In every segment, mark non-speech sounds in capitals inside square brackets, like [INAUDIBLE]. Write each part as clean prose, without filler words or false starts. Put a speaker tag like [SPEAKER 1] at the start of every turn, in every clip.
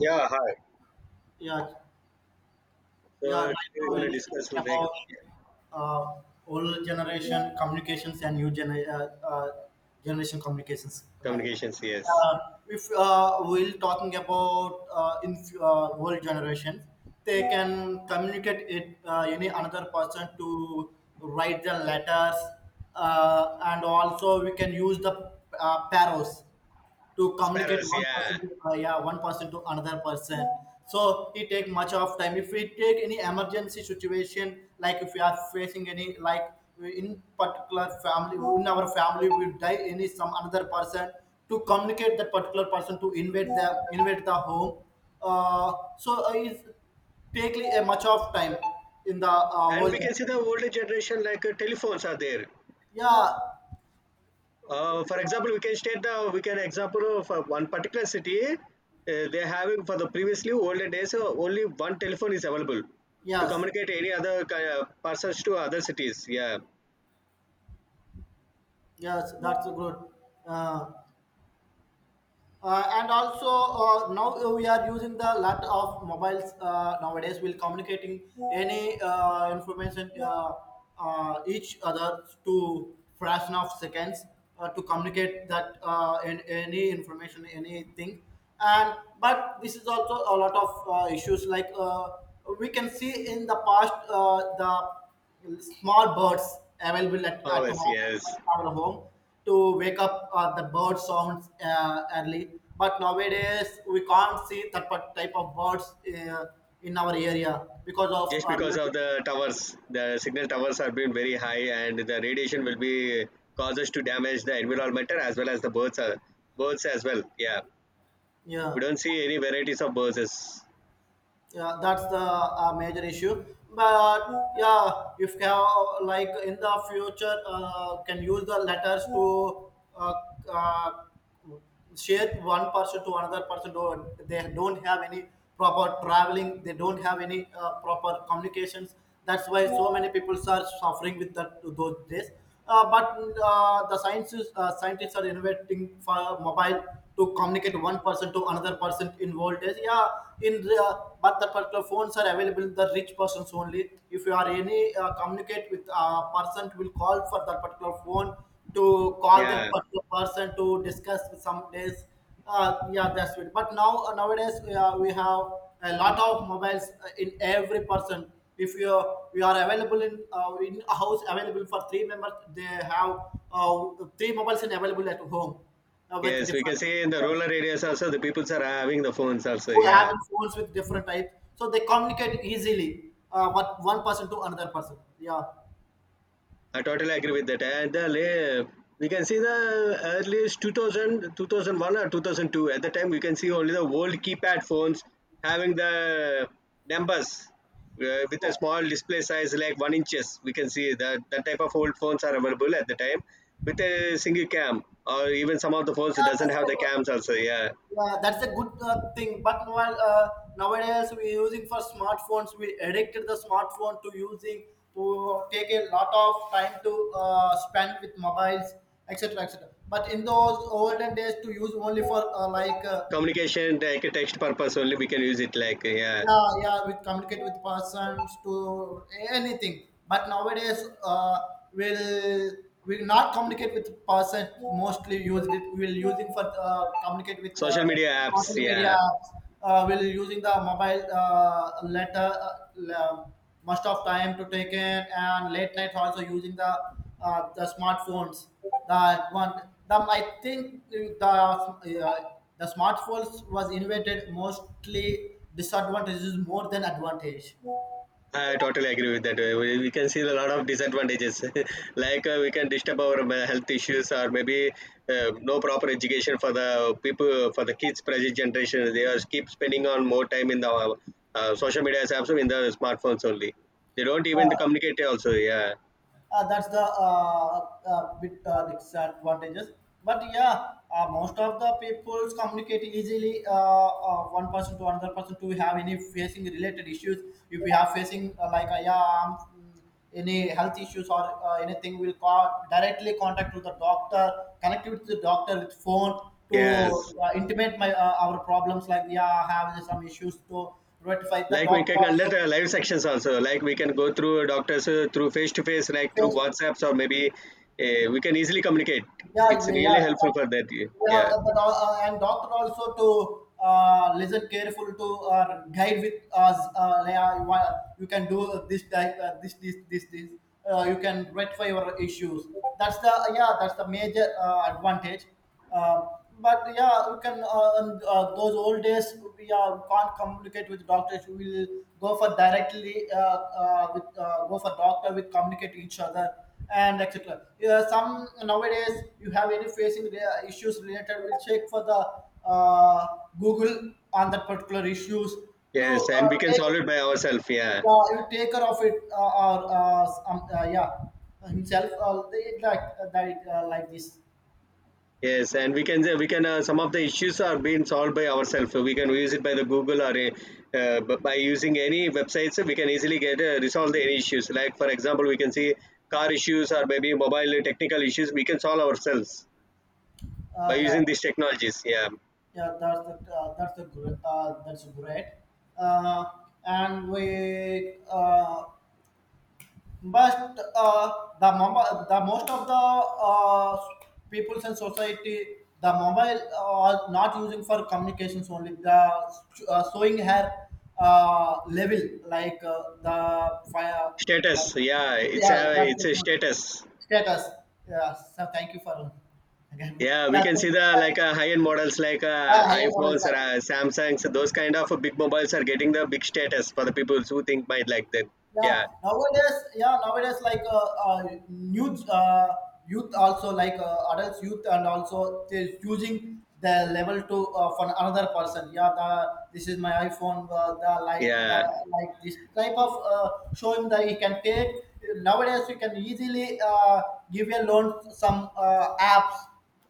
[SPEAKER 1] Yeah, hi.
[SPEAKER 2] Yeah, yeah.
[SPEAKER 1] So
[SPEAKER 2] Right
[SPEAKER 1] we're
[SPEAKER 2] now we'll
[SPEAKER 1] gonna
[SPEAKER 2] discuss
[SPEAKER 1] discuss like
[SPEAKER 2] about uh, old generation communications and new generation communications. Like,
[SPEAKER 1] communications, yes.
[SPEAKER 2] uh, if we're talking about in old generation, they can communicate it any another person to write the letters, and also we can use the paros to communicate
[SPEAKER 1] Sparrows,
[SPEAKER 2] one
[SPEAKER 1] yeah.
[SPEAKER 2] person to yeah, one person to another person, so it take much of time if we take any emergency situation, like if we are facing any, like, in particular family, in our family will die any some another person to communicate that particular person to invade the home. uh, so it's take a much of time in the whole
[SPEAKER 1] And we can see
[SPEAKER 2] journey.
[SPEAKER 1] the older generation like telephones are there.
[SPEAKER 2] Yeah,
[SPEAKER 1] For example, we can state the we can example of one particular city. They're having for the previously older days only one telephone is available to
[SPEAKER 2] yes,
[SPEAKER 1] communicate any other persons to other cities. Yeah.
[SPEAKER 2] yes, that's good. uh, and also now we are using the lot of mobiles nowadays. We'll communicating any information each other to fraction of seconds to communicate that in, any information, anything. And but this is also a lot of issues. Like we can see in the past, the small birds available at home,
[SPEAKER 1] Powers, yes.
[SPEAKER 2] our home, to wake up the bird sounds early. But nowadays we can't see that type of birds in our area because of
[SPEAKER 1] Just
[SPEAKER 2] our,
[SPEAKER 1] because of the towers, the signal towers have been very high and the radiation will be causes to damage the environment as well as the birds are birds as well, yeah, we
[SPEAKER 2] yeah.
[SPEAKER 1] don't see any varieties of birds.
[SPEAKER 2] Yeah, that's the major issue. But yeah, if you have, like, in the future, can use the letters to uh, uh, share one person to another person. Don't They don't have any proper traveling? They don't have any proper communications. That's why so many people are suffering with that those days. But the sciences scientists are innovating for mobile to communicate one person to another person involved is, yeah, in the, but the particular phones are available in the rich persons only, if you are any communicate with a person will call for that particular phone to call that
[SPEAKER 1] Yeah,
[SPEAKER 2] particular person to discuss with some days. Yeah, that's it. But now, nowadays, we have a lot of mobiles in every person. If you We are available in, a house available for three members, they have three mobiles in available at home with
[SPEAKER 1] yes, we can
[SPEAKER 2] different
[SPEAKER 1] see in the
[SPEAKER 2] programs.
[SPEAKER 1] rural areas also the people are having the phones also,
[SPEAKER 2] So
[SPEAKER 1] yeah.
[SPEAKER 2] having phones with different types, so they communicate easily, what one person to another person. Yeah,
[SPEAKER 1] I totally agree with that. We can see the earliest 2000, 2001 or 2002. At the time, we can see only the old keypad phones having the numbers with a
[SPEAKER 2] yeah,
[SPEAKER 1] small display size like 1 inch. We can see that that type of old phones are available at the time with a single cam, or even some of the phones that
[SPEAKER 2] yeah,
[SPEAKER 1] doesn't have the cams also. Yeah,
[SPEAKER 2] that's a good thing. But while, nowadays we're using for smartphones, we addicted the smartphone to using, to take a lot of time to spend with mobiles, etc., etc. But in those olden days, to use only for, like.
[SPEAKER 1] communication like a text purpose only we can use it like, yeah,
[SPEAKER 2] Yeah, yeah, we communicate with persons to anything. But nowadays we'll will not communicate with person, mostly used it. We'll using for communicate with
[SPEAKER 1] social media apps.
[SPEAKER 2] social media.
[SPEAKER 1] Yeah,
[SPEAKER 2] We'll using the mobile letter la- most of time to take in, and late night also using the smartphones. That one, the, I think the smartphones was invented mostly disadvantages more than advantage.
[SPEAKER 1] I totally agree with that. We can see a lot of disadvantages, [LAUGHS] like we can disturb our health issues, or maybe no proper education for the people, for the kids, present generation. They are keep spending on more time in the social media apps, in the smartphones only. They don't even communicate also. Yeah,
[SPEAKER 2] That's the bit disadvantages. But yeah, most of the people communicate easily. One person to another person to have any facing related issues. If we have facing, like, yeah, any health issues or anything, we'll call directly, contact with the doctor, connect with the doctor with phone
[SPEAKER 1] yes.
[SPEAKER 2] to intimate my our problems. Like, yeah, I have some issues to rectify, the
[SPEAKER 1] Like we
[SPEAKER 2] doctor
[SPEAKER 1] can conduct
[SPEAKER 2] also
[SPEAKER 1] live sections also. Like we can go through doctors through face to face, like through
[SPEAKER 2] face.
[SPEAKER 1] WhatsApps, or maybe we can easily communicate.
[SPEAKER 2] Yeah,
[SPEAKER 1] It's
[SPEAKER 2] yeah, yeah.
[SPEAKER 1] really helpful
[SPEAKER 2] But,
[SPEAKER 1] for that.
[SPEAKER 2] yeah,
[SPEAKER 1] Yeah.
[SPEAKER 2] and doctor also to listen careful to guide with us. Yeah, you can do this type, this. You can rectify your issues. That's the, yeah, that's the major advantage. Uh, but yeah, those old days we can't communicate with doctors. We will go for directly, with go for doctor with communicate to each other and etc. Yeah, some nowadays you have any facing the issues related, we'll check for the Google on that particular issues to
[SPEAKER 1] Yes, and we can solve
[SPEAKER 2] take
[SPEAKER 1] it by ourselves. Yeah.
[SPEAKER 2] you take care of it, or, some, yeah, himself, they like, that, like this.
[SPEAKER 1] Yes, and we can some of the issues are being solved by ourselves. We can use it by the Google or a, by using any websites. We can easily get resolve the any issues. Like for example, we can see car issues or maybe mobile technical issues. We can solve ourselves by
[SPEAKER 2] Yeah.
[SPEAKER 1] using these technologies. Yeah.
[SPEAKER 2] Yeah, that's great. Uh, and we but the mobile, the most of the uh, peoples in society, the mobile are not using for communications only. The showing her level, like the fire, like,
[SPEAKER 1] Status. Yeah. It's
[SPEAKER 2] yeah,
[SPEAKER 1] a
[SPEAKER 2] that's
[SPEAKER 1] it's
[SPEAKER 2] the
[SPEAKER 1] a
[SPEAKER 2] good
[SPEAKER 1] status.
[SPEAKER 2] status. Yeah, so thank you for [LAUGHS] again.
[SPEAKER 1] Yeah, we
[SPEAKER 2] Yeah,
[SPEAKER 1] can
[SPEAKER 2] this
[SPEAKER 1] see
[SPEAKER 2] is,
[SPEAKER 1] the like high-end models like
[SPEAKER 2] higher models.
[SPEAKER 1] iPhones or Samsungs. Those kind of big mobiles are getting the big status for the people who think might like that.
[SPEAKER 2] yeah
[SPEAKER 1] Yeah,
[SPEAKER 2] nowadays yeah nowadays like, new youth also, like, adults youth, and also they're using the level to, for another person, yeah, the this is my iPhone. uh, the like the
[SPEAKER 1] yeah,
[SPEAKER 2] like this type of showing that you can take nowadays. You can easily give a loan to some apps,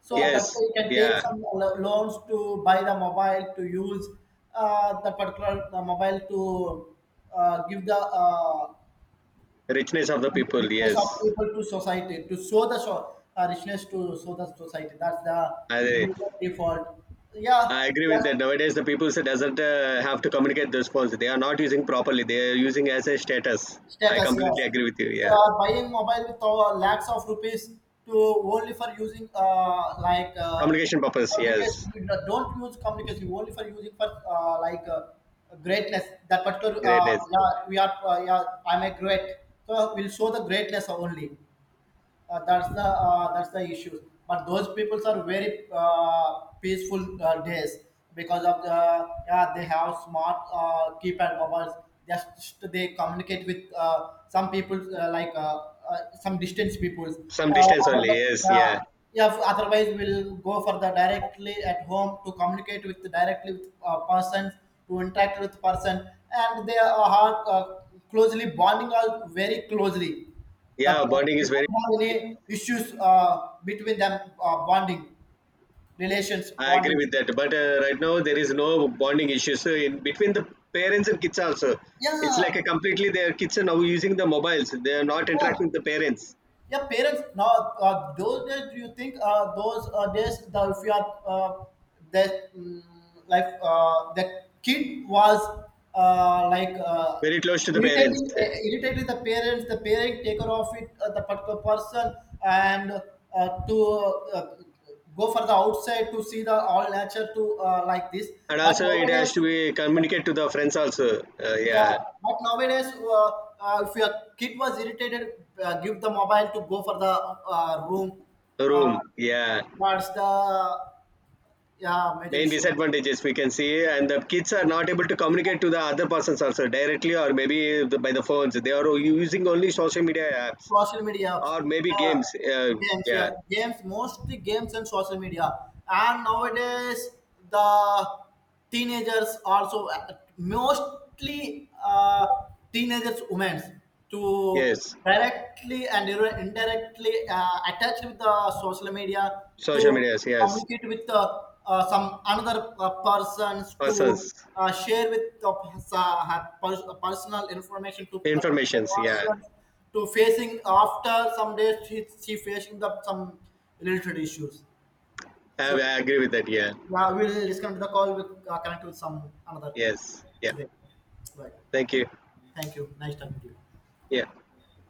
[SPEAKER 2] so that
[SPEAKER 1] yes,
[SPEAKER 2] way you can take
[SPEAKER 1] yeah.
[SPEAKER 2] some loans to buy the mobile to use, the mobile to give the
[SPEAKER 1] Richness of the people.
[SPEAKER 2] richness of
[SPEAKER 1] Yes,
[SPEAKER 2] people to society, to show richness to show the society. That's the
[SPEAKER 1] I
[SPEAKER 2] major default. Yeah,
[SPEAKER 1] I agree with
[SPEAKER 2] that's
[SPEAKER 1] that. Nowadays, the people say doesn't have to communicate those phones. They are not using properly. They are using as a status. I
[SPEAKER 2] status, yes.
[SPEAKER 1] completely agree with you.
[SPEAKER 2] If you
[SPEAKER 1] Yeah,
[SPEAKER 2] are buying mobile with lakhs of rupees to only for using, like,
[SPEAKER 1] communication purpose. Yes,
[SPEAKER 2] communication, you don't use communication only, for using for, like, greatness. That particular,
[SPEAKER 1] greatness.
[SPEAKER 2] yeah, we are, yeah, I'm a great. So we'll show the greatness only. That's the, issue. But those peoples are very peaceful days, because of the, yeah, they have smart keypad mobiles. Just they communicate with some people, like, some distance peoples.
[SPEAKER 1] Some distance only.
[SPEAKER 2] Otherwise,
[SPEAKER 1] Yes,
[SPEAKER 2] uh,
[SPEAKER 1] yeah,
[SPEAKER 2] we'll go for the directly at home to communicate with directly with persons to interact with person, and they are closely bonding, all very closely,
[SPEAKER 1] yeah.
[SPEAKER 2] the,
[SPEAKER 1] Bonding
[SPEAKER 2] they
[SPEAKER 1] is very.
[SPEAKER 2] don't have any issues between them, bonding, relations
[SPEAKER 1] I agree
[SPEAKER 2] bonding.
[SPEAKER 1] with that. But right now there is no bonding issues so in between the parents and kids also. It's
[SPEAKER 2] Yeah,
[SPEAKER 1] like a completely their kids are now using the mobiles. They are not interacting
[SPEAKER 2] yeah.
[SPEAKER 1] with the parents.
[SPEAKER 2] Yeah, parents. Now, those days, do you think those days, the, if you are, that, like, the kid was, like,
[SPEAKER 1] Very close to the parents,
[SPEAKER 2] irritating the parents, the parent take care of it, the particular person, and to uh, go for the outside to see the all nature to, like this.
[SPEAKER 1] and
[SPEAKER 2] But
[SPEAKER 1] also it has to
[SPEAKER 2] nowadays.
[SPEAKER 1] be communicate to the friends also.
[SPEAKER 2] Yeah,
[SPEAKER 1] Yeah,
[SPEAKER 2] but nowadays, if your kid was irritated, give the mobile to go for the room. Uh,
[SPEAKER 1] room. Yeah,
[SPEAKER 2] that's the, yeah, major
[SPEAKER 1] main
[SPEAKER 2] issue.
[SPEAKER 1] disadvantages we can see, and the kids are not able to communicate to the other persons also directly or maybe the, by the phones. They are using only social media apps
[SPEAKER 2] Social media apps,
[SPEAKER 1] or maybe
[SPEAKER 2] yeah.
[SPEAKER 1] games.
[SPEAKER 2] Games,
[SPEAKER 1] Yeah.
[SPEAKER 2] yeah. Games, mostly games and social media. And nowadays, the teenagers also, mostly, teenagers, women, to
[SPEAKER 1] Yes.
[SPEAKER 2] directly and indirectly attached with the social media
[SPEAKER 1] Social
[SPEAKER 2] to
[SPEAKER 1] medias. Yes.
[SPEAKER 2] communicate with, some another persons, to
[SPEAKER 1] Persons,
[SPEAKER 2] share with the her personal information to the particular
[SPEAKER 1] informations. Yeah,
[SPEAKER 2] person, to facing after some days she facing the some related issues.
[SPEAKER 1] I,
[SPEAKER 2] So,
[SPEAKER 1] I agree with that. Yeah,
[SPEAKER 2] yeah, we'll disconnect the call. We'll connect with some another
[SPEAKER 1] yes, yeah.
[SPEAKER 2] day. Right.
[SPEAKER 1] Thank you.
[SPEAKER 2] Thank you. Nice talking to you.
[SPEAKER 1] Yeah.